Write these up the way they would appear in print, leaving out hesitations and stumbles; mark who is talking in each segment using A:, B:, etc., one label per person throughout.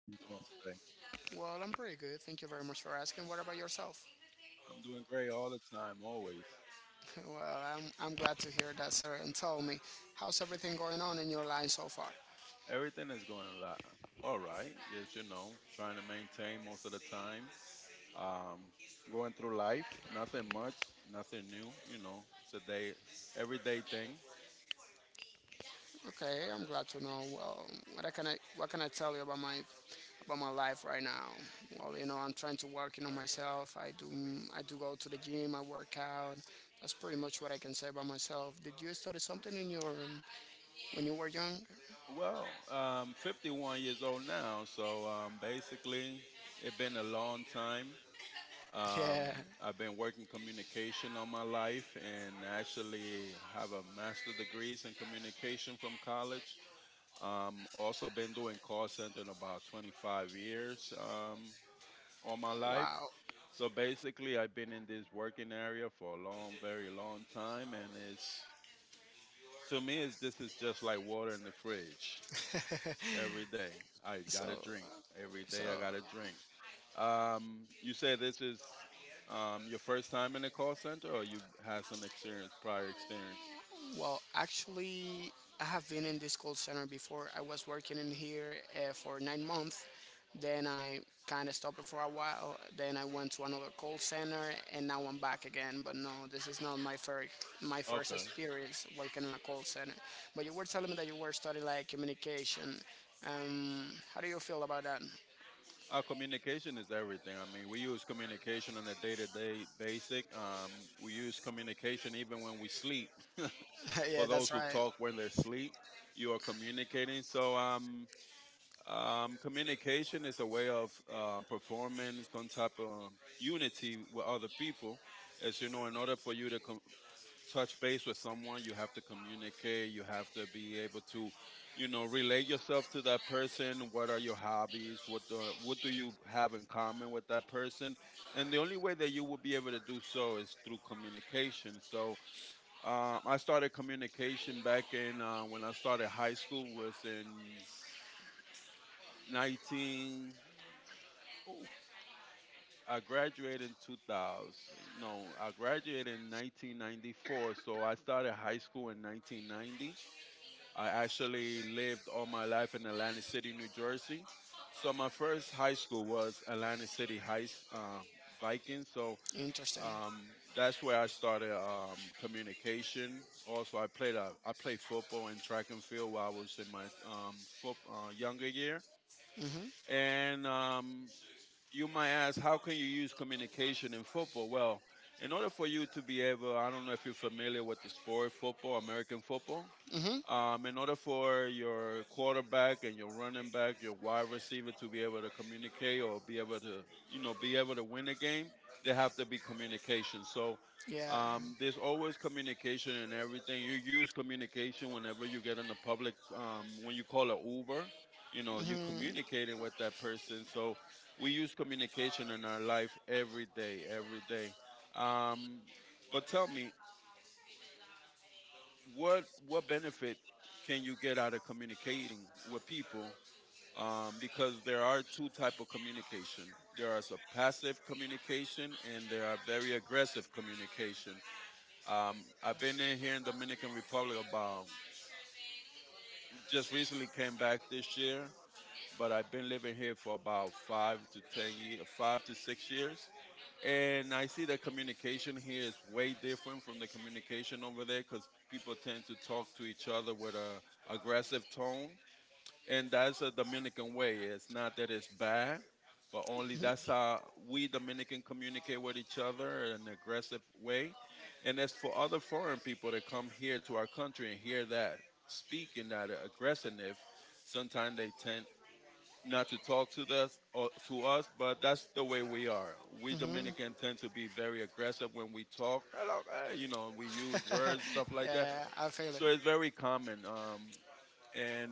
A: How you doing today?
B: Well, I'm pretty good. Thank you very much for asking. What about yourself?
A: I'm doing great all the time, always.
B: Well, I'm glad to hear that, sir. And tell me, how's everything going on in your line so far?
A: Everything is going all right. Just trying to maintain most of the time. Um, Going through life, nothing much, nothing new. You know, it's a day, everyday thing.
B: Okay, I'm glad to know. Well, what can I tell you about my life right now? Well, I'm trying to work myself. I do go to the gym. I work out. That's pretty much what I can say about myself. Did you study something in your when you were young?
A: Well, 51 years old now, so basically, it's been a long time. Um,
B: Yeah.
A: I've been working communication all my life and actually have a master degrees in communication from college. Also been doing call center in about 25 years all my life.
B: Wow.
A: So basically, I've been in this working area for a long, very long time, and it's to me, it's, this is just like water in the fridge. Every day, I
B: So,
A: got a drink. Every
B: so
A: day, I got a drink. You say this is your first time in a call center, or you had some experience, prior experience?
B: actually, I have been in this call center before. I was working in here for 9 months. Then I kind of stopped it for a while. Then I went to another call center, and now I'm back again. But no, this is not my first
A: Okay.
B: experience working in a call center. But you were telling me that you were studying like communication. Um, how do you feel about that?
A: Our communication is everything. I mean, we use communication on a day-to-day basic. We use communication even when we sleep. For
B: Yeah,
A: those
B: that's
A: who
B: right.
A: talk when they're asleep, you are communicating. So communication is a way of performing some type of unity with other people. As you know, in order for you to touch base with someone, you have to communicate, you have to be able to, you know, relate yourself to that person. What are your hobbies? What do you have in common with that person? And the only way that you will be able to do so is through communication. So I started communication back in when I started high school was in 19. Oh, I graduated in 2000. No, I graduated in 1994. So I started high school in 1990. I actually lived all my life in Atlantic City, New Jersey. So my first high school was Atlantic City High, Vikings. So
B: Interesting.
A: um, that's where I started communication. Also, I played football and track and field while I was in my younger year.
B: hmm
A: And you might ask, how can you use communication in football? Well, in order for you to be able, I don't know if you're familiar with the sport football, American football. In order for your quarterback and your running back, your wide receiver to be able to communicate or be able to, you know, be able to win a game, there have to be communication. So
B: Yeah,
A: there's always communication in everything. You use communication whenever you get in the public, when you call an Uber, you know, you communicating with that person. So we use communication in our life every day, every day. Um, but tell me, what benefit can you get out of communicating with people because there are two type of communication. There is a passive communication and there are very aggressive communication. I've been in here in Dominican Republic about, just recently came back this year, but I've been living here for about 5 to 6 years. And I see that communication here is way different from the communication over there because people tend to talk to each other with a aggressive tone, and that's a Dominican way. It's not that it's bad, but only that's how we Dominican communicate with each other in an aggressive way. And as for other foreign people that come here to our country and hear that speak in that aggressiveness, sometimes they tend not to talk to us or to us, but that's the way we are. We Dominican tend to be very aggressive when we talk. Hello, eh, you know, we use words, stuff like that.
B: yeah, I feel it.
A: So it's very common. And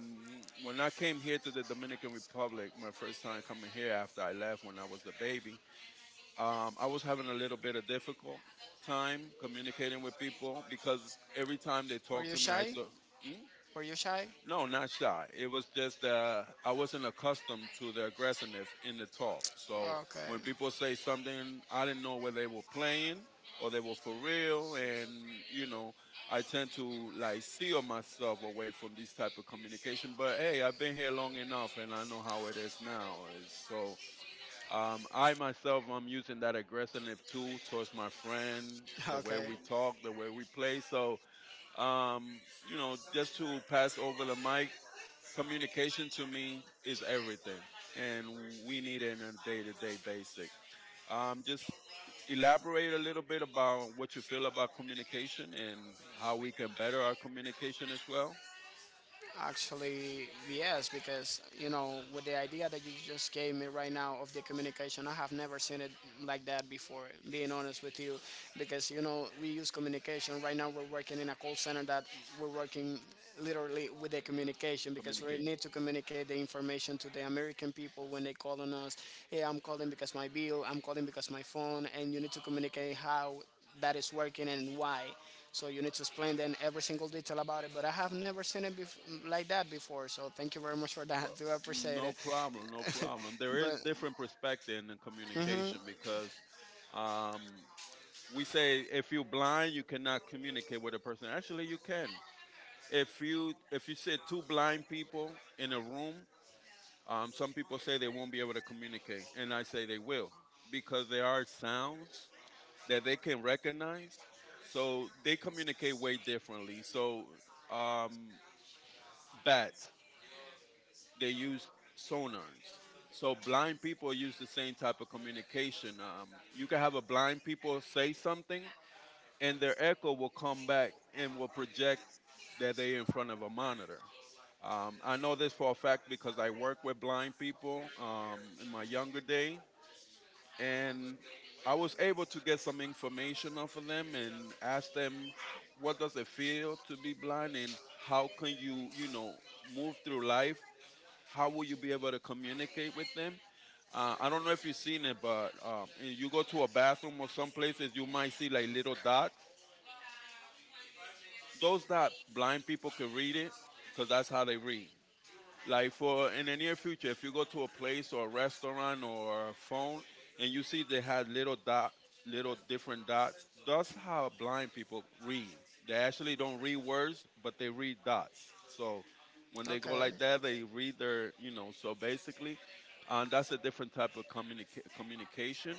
A: When I came here to the Dominican Republic, my first time coming here after I left when I was a baby, I was having a little bit of difficult time communicating with people because every time they talk to me, I
B: Shy?
A: thought. "Hmm?"
B: Were you shy?
A: No, not shy. It was just I wasn't accustomed to the aggressiveness in the talk. So
B: Okay.
A: when people say something, I didn't know whether they were playing or they were for real, and you know, I tend to like seal myself away from this type of communication. But hey, I've been here long enough, and I know how it is now. And so I myself, I'm using that aggressiveness too towards my friend, the way
B: Okay.
A: we talk, the way we play. So um, you know, just to pass over the mic. Communication to me is everything, and we need it on a day-to-day basis. Just elaborate a little bit about what you feel about communication and how we can better our communication as well.
B: Actually, yes, because you know, with the idea that you just gave me right now of the communication, I have never seen it like that before. Being honest with you, because you know, we use communication right now. We're working in a call center that we're working literally with the communication because we
A: Communication.
B: need to communicate the information to the American people when they call on us. Hey, I'm calling because my bill. I'm calling because my phone, and you need to communicate how that is working and why. So you need to explain then every single detail about it. But I have never seen like that before. So thank you very much for that.
A: Well,
B: Do appreciate
A: no
B: it.
A: problem, no problem. There is
B: but
A: different perspective in
B: hmm
A: communication because um, we say if you're blind, you cannot communicate with a person. Actually, you can. If you sit two blind people in a room. Some people say they won't be able to communicate, and I say they will because there are sounds that they can recognize, so they communicate way differently. So, um, bats, they use sonars. So, blind people use the same type of communication. You can have a blind people say something, and their echo will come back and will project that they're in front of a monitor. I know this for a fact because I work with blind people in my younger days, and I was able to get some information off of them and ask them, What does it feel to be blind and how can you, you know, move through life? How will you be able to communicate with them?" I don't know if you've seen it, but you go to a bathroom or some places, you might see like little dots. Those dots, blind people can read it because that's how they read. Like for in the near future, if you go to a place or a restaurant or a phone and you see they had little dot, little different dots, that's how blind people read. They actually don't read words, but they read dots. So when they go
B: Okay,
A: like that, they read their, you know. So basically, that's a different type of communication.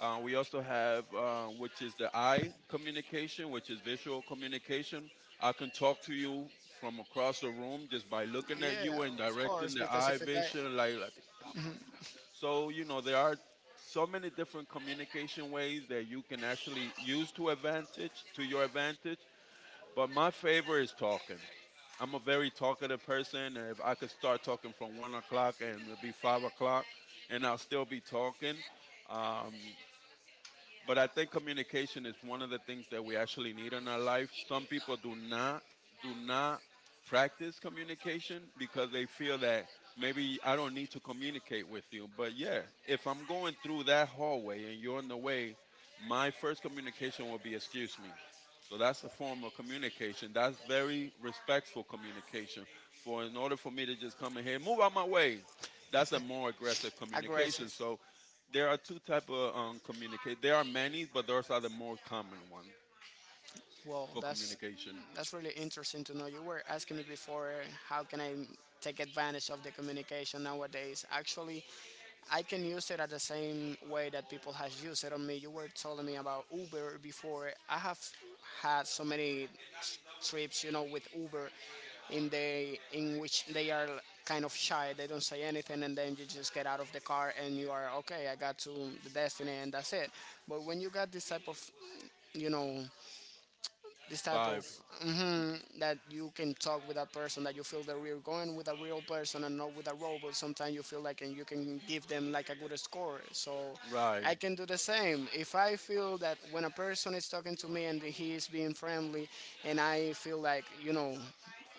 A: We also have, which is the eye communication, which is visual communication. I can talk to you from across the room just by looking at
B: yeah,
A: you and
B: of
A: directing
B: course,
A: the
B: because
A: eye
B: if a guy,
A: vision. Like, "Está buena." So you know there are so many different communication ways that you can actually use to advantage to your advantage. But my favorite is talking. I'm a very talkative person. And If I could start talking from 1 o'clock and it'd be 5 o'clock, and I'll still be talking. Um, but I think communication is one of the things that we actually need in our life. Some people do not practice communication because they feel that maybe I don't need to communicate with you. But yeah, if I'm going through that hallway and you're in the way, my first communication will be excuse me. So that's a form of communication. That's very respectful communication. For in order for me to just come in here, move out my way, that's a more aggressive communication.
B: aggressive.
A: So there are two type of communicate. There are many, but those are the more common one
B: Well,
A: for
B: that's
A: communication.
B: that's really interesting to know. You were asking me before how can I take advantage of the communication nowadays. Actually, I can use it at the same way that people has used it on me. You were telling me about Uber before. I have had so many trips, you know, with Uber in the in which they are kind of shy. They don't say anything, and then you just get out of the car and you are okay. I got to the destiny, and that's it. But when you got you know, this type of
A: Vibe.
B: that you can talk with that person, that you feel that we're going with a real person and not with a robot, sometimes you feel like and you can give them like a good score. So
A: Right.
B: I can do the same if I feel that when a person is talking to me and he is being friendly, and I feel like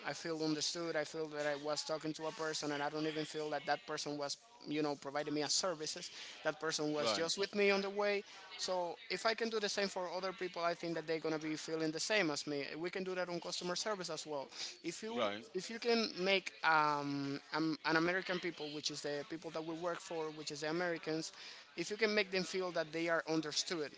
B: I feel understood. I feel that I was talking to a person, and I don't even feel that that person was, you know, providing me a services. That person was
A: Right.
B: just with me on the way. So if I can do the same for other people, I think that they're gonna be feeling the same as me. We can do that on customer service as well. If you
A: Right.
B: if you can make an American people, which is the people that we work for, which is the Americans, if you can make them feel that they are understood,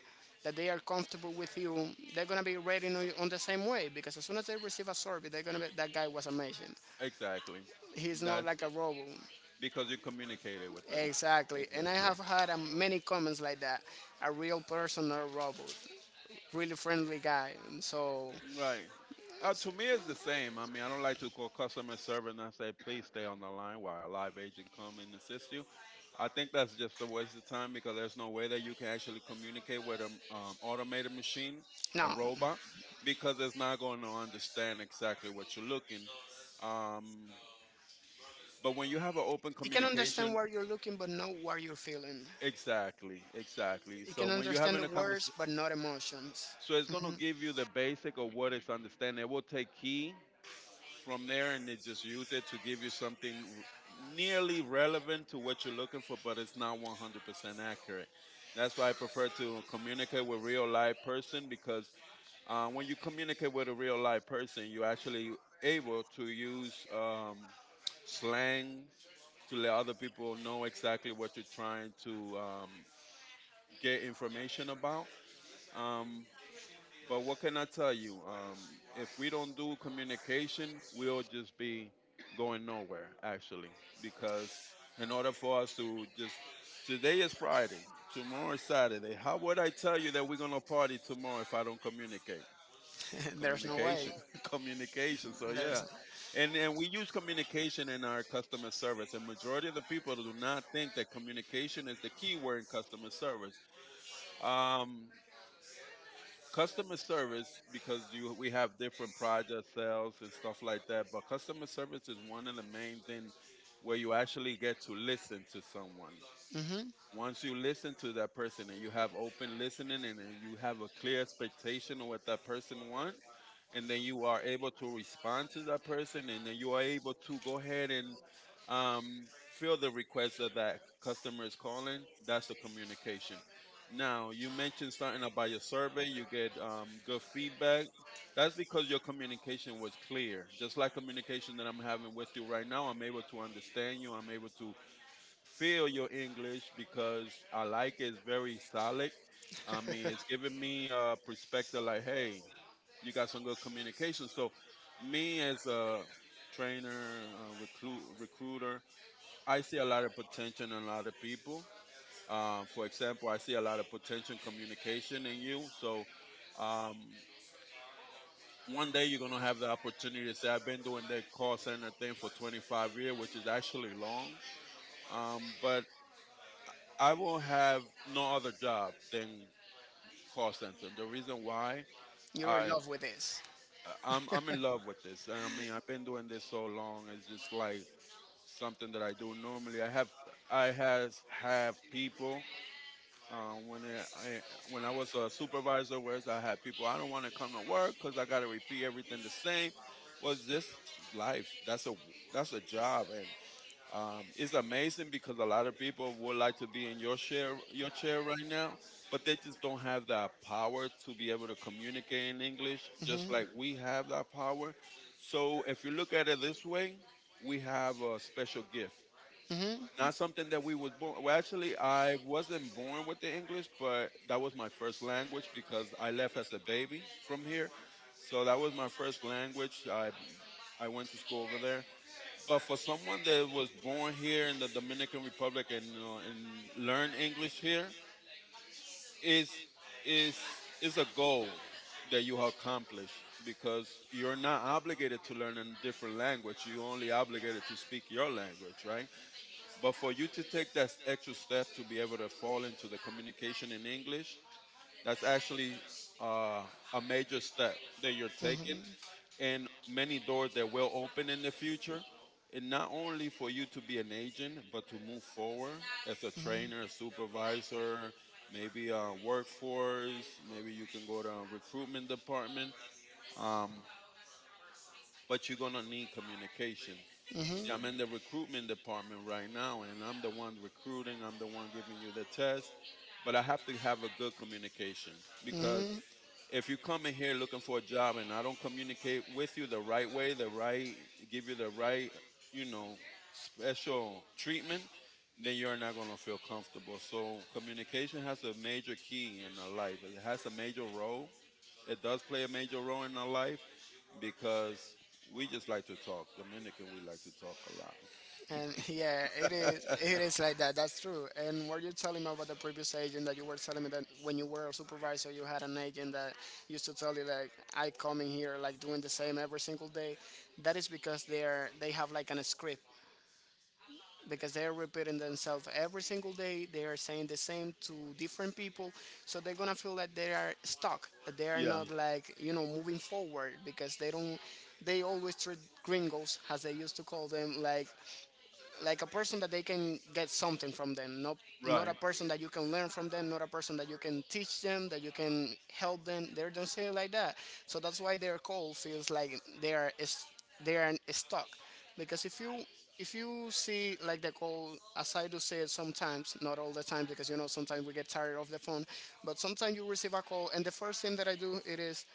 B: that they are comfortable with you, they're gonna be rating you on the same way because as soon as they receive a survey, they're gonna be that guy was amazing.
A: Exactly.
B: He's not
A: That's
B: like a robot.
A: because you communicated with them.
B: Exactly. And I
A: Exactly.
B: have had many comments like that. A real person or a robot. Really friendly guy. So
A: Right. To me, it's the same. I mean, I don't like to call customer service and I say, please stay on the line while a live agent come and assist you. I think that's just a waste of time because there's no way that you can actually communicate with an automated machine, a
B: no,
A: robot, because it's not going to understand exactly what you're looking. Um, but when you have an open
B: he can understand
A: communication,
B: where you're looking, but not where you're feeling.
A: exactly, exactly.
B: He
A: So
B: can
A: when you're
B: understand
A: having
B: the
A: a
B: words,
A: conversation,
B: but not emotions.
A: so it's going to give you the basic of what it's understanding. It will take key from there and they just use it to give you something nearly relevant to what you're looking for, but it's not 100% accurate. That's why I prefer to communicate with real live person because when you communicate with a real live person, you're actually able to use slangs to let other people know exactly what you're trying to get information about. Um, but what can I tell you? If we don't do communication, we'll just be going nowhere, actually. Because in order for us to just, today is Friday, tomorrow is Saturday. How would I tell you that we're going to party tomorrow if I don't communicate?
B: There's no
A: Communication,
B: way.
A: communication. So, yeah.
B: There's.
A: And we use communication in our customer service. And majority of the people do not think that communication is the key word in customer service. Um, Customer service, because you we have different project sales and stuff like that, but customer service is one of the main thing where you actually get to listen to someone.
B: Mhm.
A: Once you listen to that person and you have open listening, and you have a clear expectation of what that person wants, and then you are able to respond to that person, and then you are able to go ahead and um, fill the request that that customer is calling. That's the communication. Now, you mentioned starting out by your survey, you get good feedback. That's because your communication was clear. Just like communication that I'm having with you right now, I'm able to understand you. I'm able to feel your English because I like it. It's very solid. I mean, it's giving me a perspective like, hey, you got some good communication. So, me as a trainer, recruiter, I see a lot of potential in a lot of people. For example, I see a lot of potential in communication in you. So, um, one day you're gonna have the opportunity to say, "I've been doing that call center thing for 25 years, which is actually long." But I will have no other job than call center. The reason why
B: You're in
A: I
B: love with this.
A: I'm in love with this. I mean, I've been doing this so long. It's just like something that I do normally. I have I has have people. Uh, when I, I when I was a supervisor, whereas I had people, I don't want to come to work because I got to repeat everything the same. Was this life? That's a job, and it's amazing because a lot of people would like to be in your chair right now, but they just don't have that power to be able to communicate in English, just like we have that power. So if you look at it this way, we have a special gift, not something that we was born. Well, actually, I wasn't born with the English, but that was my first language because I left as a baby from here. So that was my first language. I went to school over there, but for someone that was born here in the Dominican Republic and learn English here is is is a goal that you accomplish because you're not obligated to learn a different language. You only obligated to speak your language, right? But for you to take that extra step to be able to fall into the communication in English, that's actually uh, a major step that you're taking and many doors that will open in the future. And not only for you to be an agent, but to move forward as a trainer, supervisor, maybe a workforce, maybe you can go to a recruitment department. Um, but you're gonna need communication.
B: Mm-hmm.
A: See, I'm in the recruitment department right now, and I'm the one recruiting. I'm the one giving you the test, but I have to have a good communication because
B: Hmm.
A: if you come in here looking for a job and I don't communicate with you the right way, the right give you the right, you know, special treatment, then you're not going to feel comfortable. So communication has a major key in our life. It has a major role. It does play a major role in our life because we just like to talk. Dominican, we like to talk a lot.
B: And yeah, it is like that. That's true. And what you're telling me about the previous agent that you were telling me that when you were a supervisor, you had an agent that used to tell you like I come in here like doing the same every single day. That is because they have like an script because they're repeating themselves every single day. They are saying the same to different people, so they're gonna feel that they are stuck. That They are
A: Yeah,
B: not like, you know, moving forward because they don't. They always treat gringos, as they used to call them, like a person that they can get something from them, not not a
A: right.
B: person that you can learn from them, not a person that you can teach, them that you can help them. They don't say it like that, so that's why their call feels like they are is they are stuck. Because if you see like the call as I do say it sometimes, not all the time, because you know sometimes we get tired of the phone, but sometimes you receive a call and the first thing that I do it is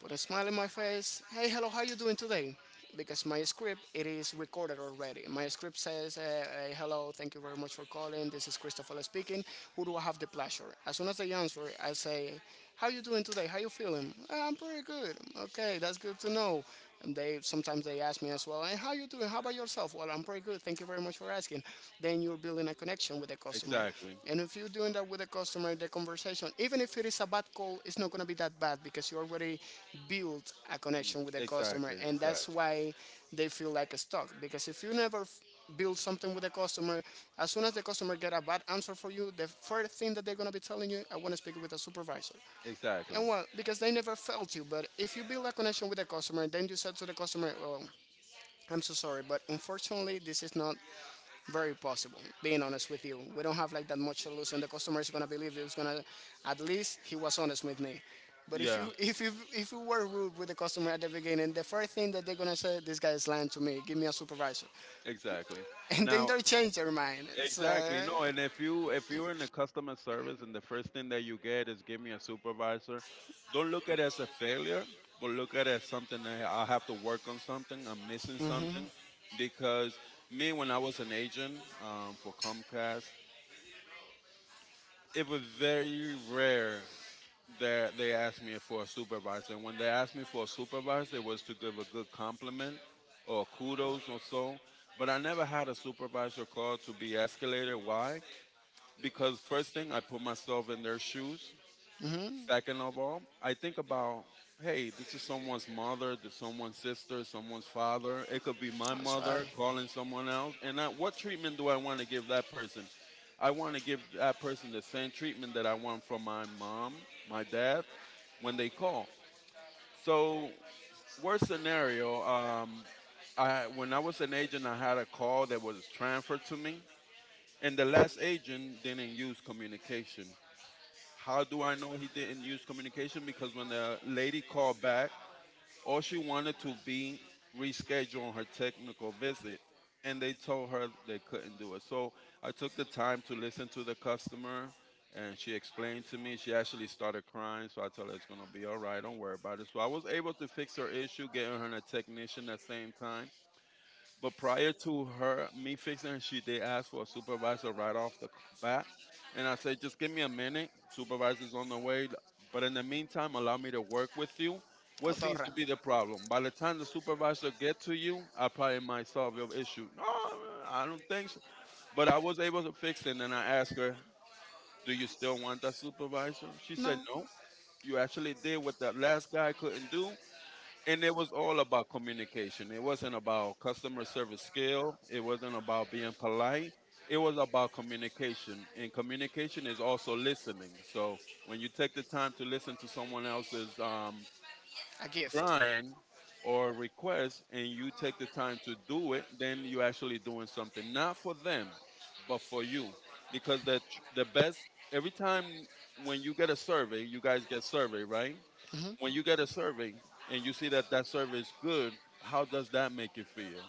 B: put a smile in my face. Hey, hello, how you doing today? Because my script it is recorded already. My script says, "Hello, thank you very much for calling. This is Christopher speaking. Who do I have the pleasure?" As soon as they answer, I say, "How you doing today? How you feeling? I'm pretty good. Okay, that's good to know." And they sometimes they ask me as well, "And how you doing? How about yourself?" Well, I'm pretty good. Thank you very much for asking. Then you're building a connection with the customer,
A: Exactly.
B: and if you're doing that with the customer, the conversation, even if it is a bad call, it's not gonna be that bad because you already built a connection with the customer,
A: Exactly.
B: and
A: Exactly.
B: that's why they feel like a stock. Because if you never build something with the customer, as soon as the customer get a bad answer for you, the first thing that they're gonna be telling you, "I want to speak with a supervisor."
A: Exactly.
B: And well, because they never failed you, but if you build a connection with the customer, then you said to the customer, well, I'm so sorry, but unfortunately, this is not very possible. Being honest with you, we don't have like that much solution. The customer is gonna believe it's gonna, at least he was honest with me. But if
A: Yeah,
B: you if you if you were rude with the customer at the beginning, the first thing that they're gonna say, this guy is lying to me. Give me a supervisor,
A: exactly.
B: and then
A: Now,
B: they change their mind. So,
A: exactly. No, and if you if you're in the customer service and the first thing that you get is give me a supervisor, don't look at it as a failure, but look at it as something that I have to work on something, I'm missing something because me when I was an agent for Comcast, it was very rare that they asked me for a supervisor. And when they asked me for a supervisor, it was to give a good compliment or kudos or so. But I never had a supervisor call to be escalated. Why? Because first thing I put myself in their shoes.
B: mm,
A: Second of all, I think about, hey, this is someone's mother, this is someone's sister, someone's father. It could be my
B: that's right.
A: mother calling someone else. And I, what treatment do I want to give that person? I want to give that person the same treatment that I want from my mom, my dad when they call. So worst scenario, I when I was an agent, I had a call that was transferred to me, and the last agent didn't use communication. How do I know he didn't use communication? Because when the lady called back, all she wanted to be reschedule her technical visit, and they told her they couldn't do it. So I took the time to listen to the customer, and she explained to me. She actually started crying, so I told her it's gonna be all right. Don't worry about it. So I was able to fix her issue, getting her a technician at the same time, but prior to her, me fixing her, she they asked for a supervisor right off the bat, and I said, just give me a minute. Supervisor's on the way, but in the meantime, allow me to work with you. What seems to be the problem? By the time the supervisor get to you, I probably might solve your issue. No, I don't think so. But I was able to fix it, and then I asked her, do you still want that supervisor? She said,
B: No.
A: no. You actually did what that last guy couldn't do. And it was all about communication. It wasn't about customer service skill. It wasn't about being polite. It was about communication. And communication is also listening. So when you take the time to listen to someone else's
B: A gift.
A: crying or request and you take the time to do it, then you're actually doing something, not for them, but for you. Because the best, every time when you get a survey, you guys get survey, right? When you get a survey and you see that that survey is good, how does that make you feel?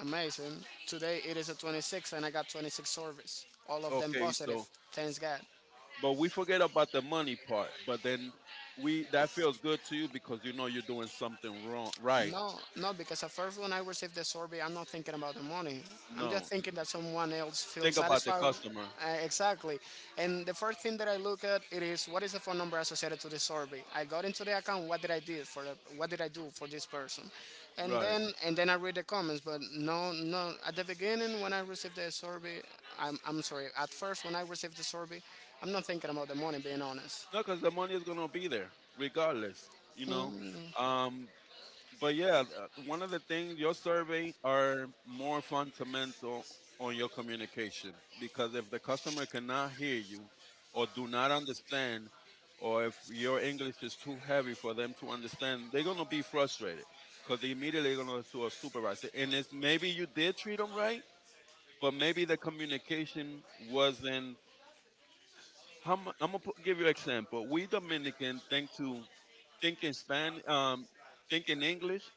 B: Amazing. Today it is a 26 and I got 26 surveys. All of them
A: Okay,
B: positive.
A: so
B: Thanks God.
A: but we forget about the money part, but then we that feels good to you because you know you're doing something wrong, right?
B: No, no, because at first when I receive the survey, I'm not thinking about the money. I'm just
A: No,
B: thinking that someone else feels
A: think about the
B: satisfied.
A: customer,
B: Exactly. And the first thing that I look at it is what is the phone number associated to the survey. I got into the account. What did I do for what did I do for this person? And
A: right?
B: then I read the comments. But no, no. At the beginning when I received the survey, I'm sorry. At first when I received the survey, I'm not thinking about the money. Being honest.
A: No, because the money is gonna be there regardless, you know. Um, But yeah, one of the things your survey are more fundamental on your communication because if the customer cannot hear you or do not understand or if your English is too heavy for them to understand, they're going to be frustrated because they immediately going to sue a supervisor. And it's maybe you did treat them right, but maybe the communication wasn't. I'm going to give you an example. We Dominican think in Spanish, think in English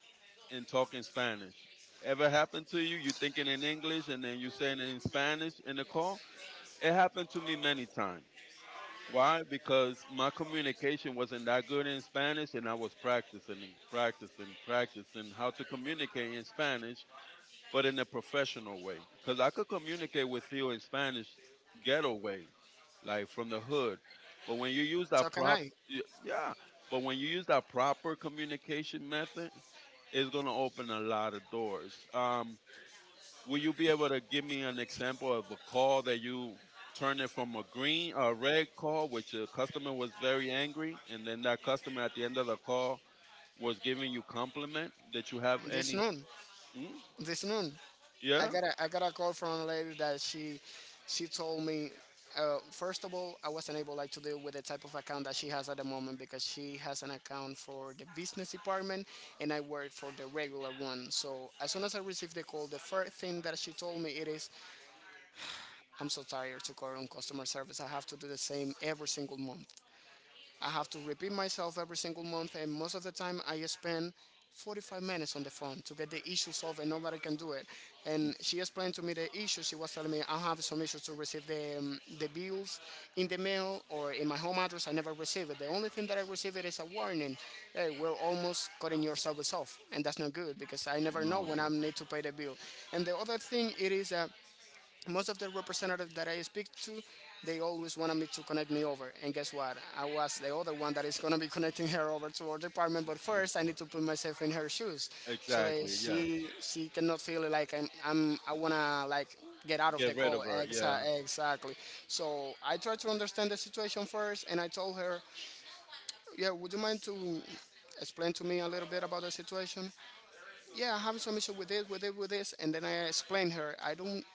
A: and talking Spanish. Ever happened to you? You thinking in English and then you saying it in Spanish in the call? It happened to me many times. Why? Because my communication wasn't that good in Spanish and I was practicing, and practicing, practicing how to communicate in Spanish, but in a professional way. Because I could communicate with you in Spanish ghetto way, like from the hood. But when you use
B: So
A: that
B: can
A: prop,
B: I?
A: y- yeah, but when you use that proper communication method, it's going to open a lot of doors. Will you be able to give me an example of a call that you turned it from a red call, which a customer was very angry, and then that customer at the end of the call was giving you compliment? Did you have
B: this
A: any?
B: noon
A: Mm?
B: this noon I
A: Yeah.
B: got a call from a lady that she told me first of all, I wasn't able like to deal with the type of account that she has at the moment because she has an account for the business department, and I work for the regular one. So as soon as I received the call, the first thing that she told me it is, I'm so tired to call on customer service. I have to do the same every single month. I have to repeat myself every single month, and most of the time I spend 45 minutes on the phone to get the issue solved, and nobody can do it. And she explained to me the issue. She was telling me I have some issues to receive the bills in the mail or in my home address. I never receive it. The only thing that I receive it is a warning. Hey, we're almost cutting your service off, and that's not good because I never know
A: No.
B: when I need to pay the bill. And the other thing it is that most of the representatives that I speak to, they always wanted me to connect me over. And guess what? I was the other one that is gonna be connecting her over to our department. But first, I need to put myself in her shoes, so that
A: Exactly. Yes.
B: she cannot feel it like I wanna like get out of the
A: Get rid
B: call.
A: of her. Yeah.
B: Exactly. So I tried to understand the situation first, and I told her, yeah, would you mind to explain to me a little bit about the situation? Yeah, I'm having some issue with this, with it, with this, and then I explained her. I don't,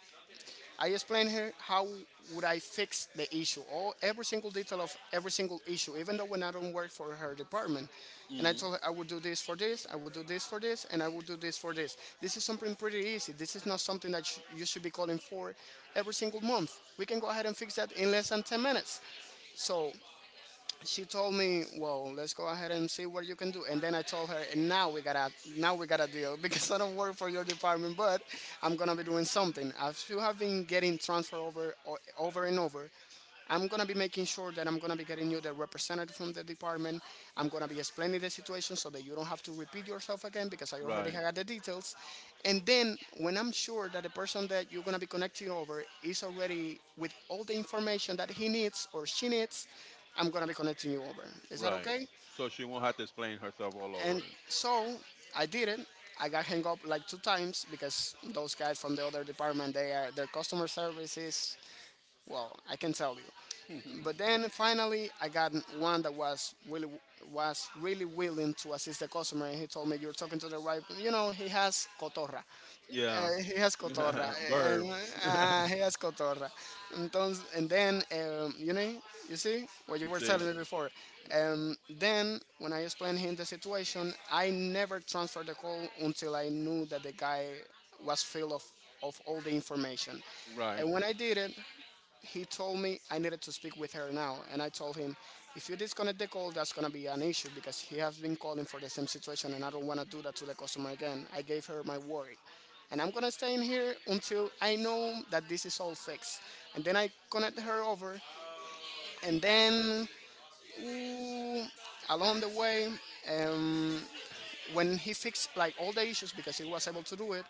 B: I explain her how would I fix the issue, all every single detail of every single issue, even though when I don't work for her department. And I
A: Mm.
B: told her I would do this for this, I would do this for this, and I would do this for this. This is something pretty easy. This is not something that you should be calling for every single month. We can go ahead and fix that in less than 10 minutes. So she told me, "Well, let's go ahead and see what you can do." And then I told her, "And now we gotta deal because I don't work for your department, but I'm gonna be doing something. As you have been getting transfer over, over and over, I'm gonna be making sure that I'm gonna be getting you the representative from the department. I'm gonna be explaining the situation so that you don't have to repeat yourself again because I already
A: Right.
B: had the details. And then when I'm sure that the person that you're gonna be connecting over is already with all the information that he needs or she needs, I'm gonna be connecting you over. Is that
A: Right.
B: okay?"
A: So she won't have to explain herself all
B: And
A: over.
B: so I did it. I got hung up like two times because those guys from the other department, they are their customer service is, well, I can tell you. But then finally, I got one that was really, was really willing to assist the customer, and he told me, "You're talking to the right." You know, he has cotorra.
A: Yeah.
B: He has cotorra, and
A: Verbs.
B: he has cotorra. Entonces, and then you see what you were
A: See.
B: telling me before. Then when I explained him the situation, I never transferred the call until I knew that the guy was filled of all the information.
A: Right.
B: And when I did it, he told me I needed to speak with her now, and I told him, if you disconnect the call, that's gonna be an issue because he has been calling for the same situation, and I don't wanna do that to the customer again. I gave her my word, and I'm gonna stay in here until I know that this is all fixed. And then I connect her over, and then ooh, along the way, um, when he fixed like all the issues because he was able to do it,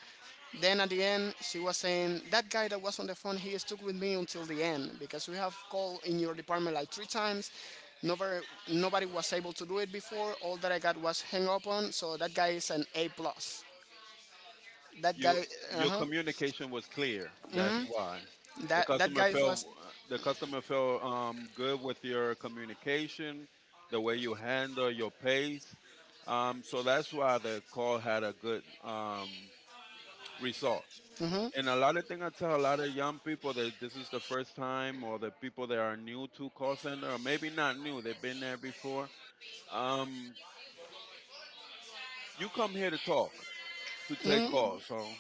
B: then at the end she was saying that guy that was on the phone, he stuck with me until the end because we have called in your department like three times. Nobody, nobody was able to do it before. All that I got was hung up on. So that guy is an A+. That guy,
A: You
B: uh
A: your
B: huh.
A: communication was clear. That's why the
B: That
A: customer
B: guy
A: felt
B: was.
A: the customer felt good with your communication, the way you handle your pace. So that's why the call had a good result.
B: Mm-hmm,
A: And a lot of thing I tell a lot of young people that this is the first time, or the people that are new to call center, or maybe not new, they've been there before. Um, you come here to talk, to take calls. So,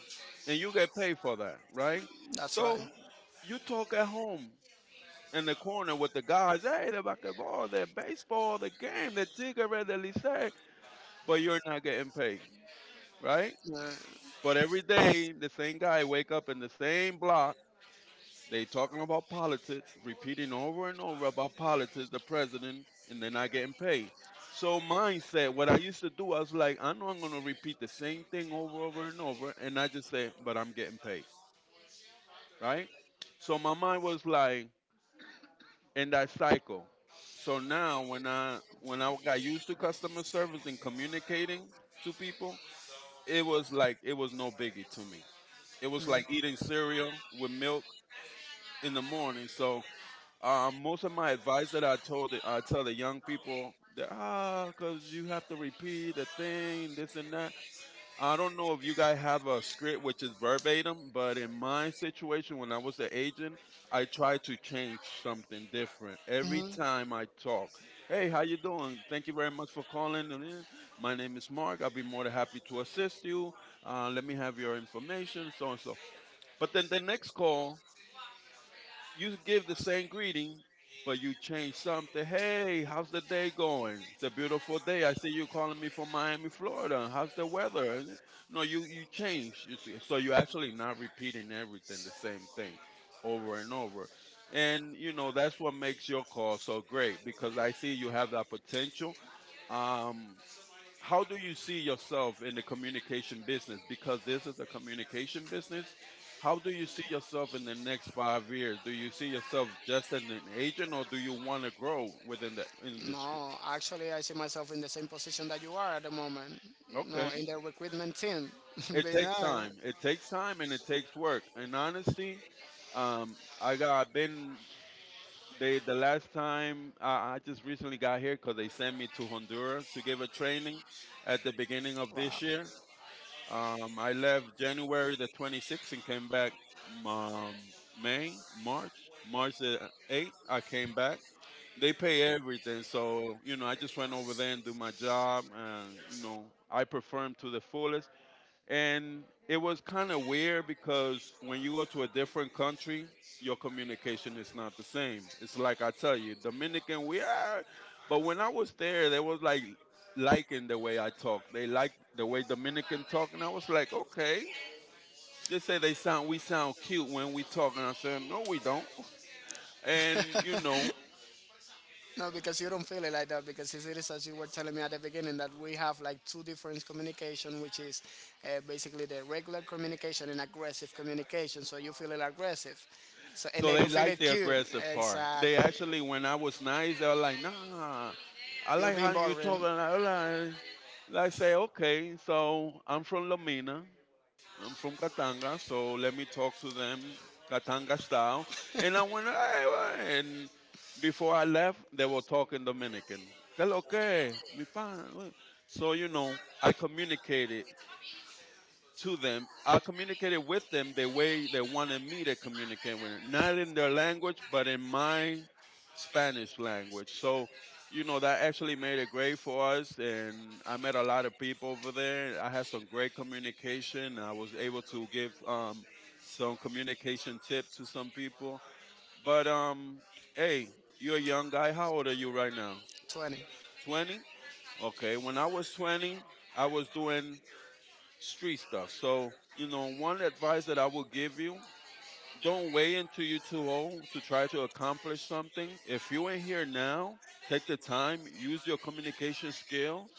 A: and you get paid for that, right?
B: that's right.
A: So, you talk at home in the corner with the guys. Hey, the basketball, the baseball, the game, the cigarette, the lycée, but you're not getting paid, right?
B: Uh,
A: But every day, the same guy wake up in the same block. They talking about politics, repeating over and over about politics, the president, and they're not getting paid. So mindset, what I used to do, I was like, I know I'm gonna repeat the same thing over, over and over, and I just say, but I'm getting paid, right? So my mind was like in that cycle. So now when I got used to customer service and communicating to people, it was like it was no biggie to me. It was like eating cereal with milk in the morning. So most of my advice that I tell the young people that cause you have to repeat the thing, this and that. I don't know if you guys have a script which is verbatim, but in my situation, when I was an agent, I tried to change something different every time I talk. Hey, how you doing? Thank you very much for calling in. My name is Mark. I'll be more than happy to assist you. Let me have your information, so and so. But then the next call, you give the same greeting, but you change something. Hey, how's the day going? It's a beautiful day. I see you calling me from Miami, Florida. How's the weather? And no, you change. So you're actually not repeating everything, the same thing, over and over. And you know that's what makes your call so great because I see you have that potential. Um, how do you see yourself in the communication business, because this is a communication business? How do you see yourself in the next 5 years? Do you see yourself just as an agent, or do you want to grow within the industry?
B: no, actually, I see myself in the same position that you are at the moment. You know,
A: Okay.
B: in the recruitment team. you
A: It takes
B: know,
A: time, it takes time, and it takes work in honesty. Um, I got been they the last time I just recently got here because they sent me to Honduras to give a training at the beginning of
B: Wow.
A: this year. I left January the 26th and came back um, March the 8th. I came back. They pay everything, so you know I just went over there and do my job, and you know I performed to the fullest. And it was kind of weird because when you go to a different country, your communication is not the same. It's like I tell you, Dominican, we are. But when I was there, they was like liking the way I talk. They liked the way Dominican talk, and I was like, okay. They say they sound, we sound cute when we talk, and I said, no, we don't. And you know,
B: No, because you don't feel it like that. Because it is as you were telling me at the beginning that we have like two different communication, which is basically the regular communication and aggressive communication. So you feel it aggressive. So and
A: so
B: they do
A: they
B: feel
A: like
B: it
A: the
B: cute.
A: aggressive part.
B: Exact.
A: They actually, when I was nice, they were like, nah, I
B: You're
A: like
B: being
A: how you
B: boring.
A: talk. And I say, okay, so I'm from Lomina, I'm from Katanga, so let me talk to them Katanga style. And I went, "Hey, hey," and before I left, they were talking Dominican. Que lo que, mi pan. So, you know, I communicated to them. I communicated with them the way they wanted me to communicate with them, not in their language, but in my Spanish language. So, you know, that actually made it great for us, and I met a lot of people over there. I had some great communication. I was able to give some communication tips to some people. But, hey, you're a young guy. How old are you right now?
B: 20.
A: 20? Okay, when I was 20, I was doing street stuff. So, you know, one advice that I would give you, don't wait until you're too old to try to accomplish something. If you ain't here now, take the time, use your communication skills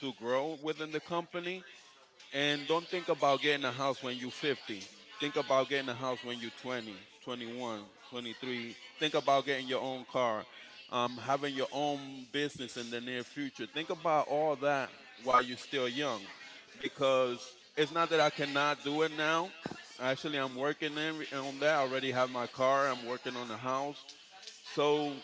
A: to grow within the company, and don't think about getting a house when you're 50. Think about getting a house when you're 20, 21, 23. Think about getting your own car, having your own business in the near future. Think about all that while you're still young, because it's not that I cannot do it now. Actually, I'm working in, on that. I already have my car, I'm working on the house. So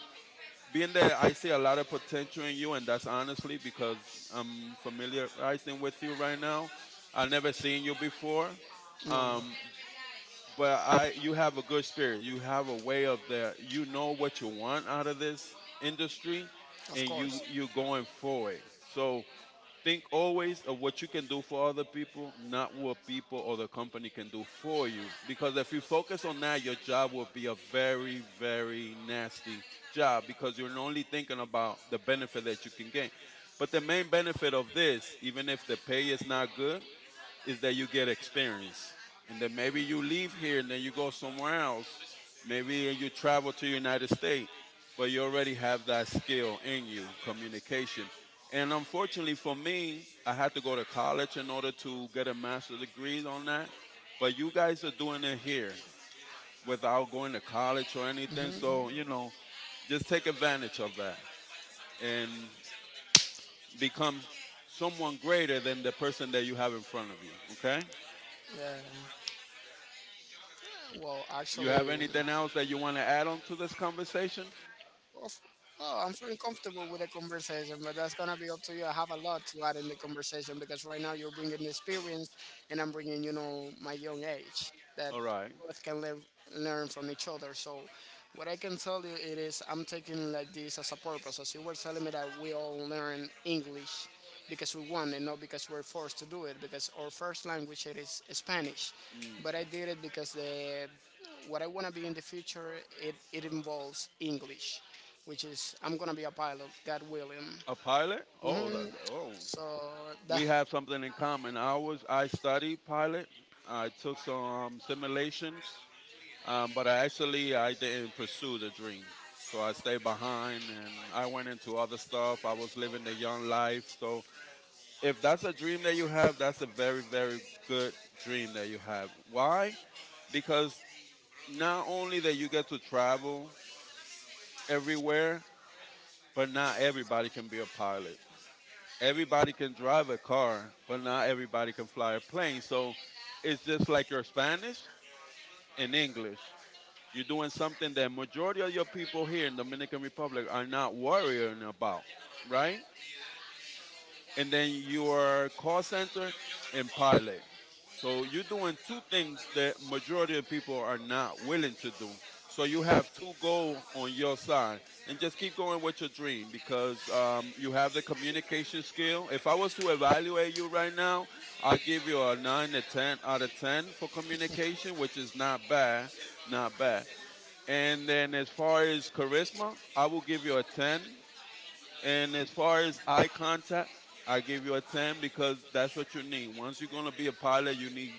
A: being that I see a lot of potential in you, and that's honestly because I'm familiarizing with you right now. I've never seen you before,
B: No.
A: um, but I you have a good spirit. You have a way of that. You know what you want out of this industry,
B: Of
A: and you
B: course.
A: you going forward. So think always of what you can do for other people, not what people or the company can do for you. Because if you focus on that, your job will be a very, very nasty job, because you're only thinking about the benefit that you can gain. But the main benefit of this, even if the pay is not good, is that you get experience. And then maybe you leave here and then you go somewhere else. Maybe you travel to United States, but you already have that skill in you, communication. And unfortunately for me, I had to go to college in order to get a master's degree on that. But you guys are doing it here without going to college or anything. So, you know, just take advantage of that and become someone greater than the person that you have in front of you, okay?
B: Yeah. Well,
A: You have
B: actually,
A: anything else that you want to add on to this conversation?
B: Of, oh, I'm feeling comfortable with the conversation, but that's gonna be up to you. I have a lot to add in the conversation because right now you're bringing the experience, and I'm bringing, my young age, that
A: All right.
B: both can live learn from each other. So, what I can tell you it is I'm taking like this as a purpose. As you were telling me that we all learn English because we want and not because we're forced to do it because our first language it is Spanish,
A: Mm.
B: but I did it because the what I want to be in the future, it involves English, which is I'm gonna be a pilot, God willing.
A: A pilot? Oh,
B: hmm
A: that, that- oh.
B: So that
A: We have something in common. I studied pilot. I took some simulations, but I didn't pursue the dream. So I stayed behind and I went into other stuff. I was living the young life. So if that's a dream that you have, that's a very, very good dream that you have. Why? Because not only that you get to travel everywhere, but not everybody can be a pilot. Everybody can drive a car, but not everybody can fly a plane. So it's just like your Spanish and English. You're doing something that majority of your people here in Dominican Republic are not worrying about, right? And then your call center and pilot. So you're doing two things that majority of people are not willing to do. So you have two goals on your side, and just keep going with your dream, because you have the communication skill. If I was to evaluate you right now, I'll give you a nine to ten out of ten for communication, which is not bad, not bad. And then as far as charisma, I will give you a ten, and as far as eye contact, I give you a 10, because that's what you need. Once you're going to be a pilot, you need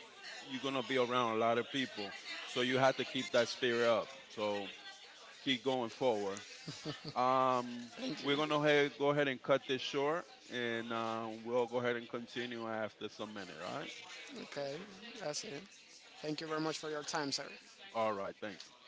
A: you're going to be around a lot of people. So you have to keep that spirit up. So keep going forward. Um, we're going to go ahead and cut this short and we'll go ahead and continue after some minute, all right?
B: Okay, that's it. Thank you very much for your time, sir.
A: All right, thanks.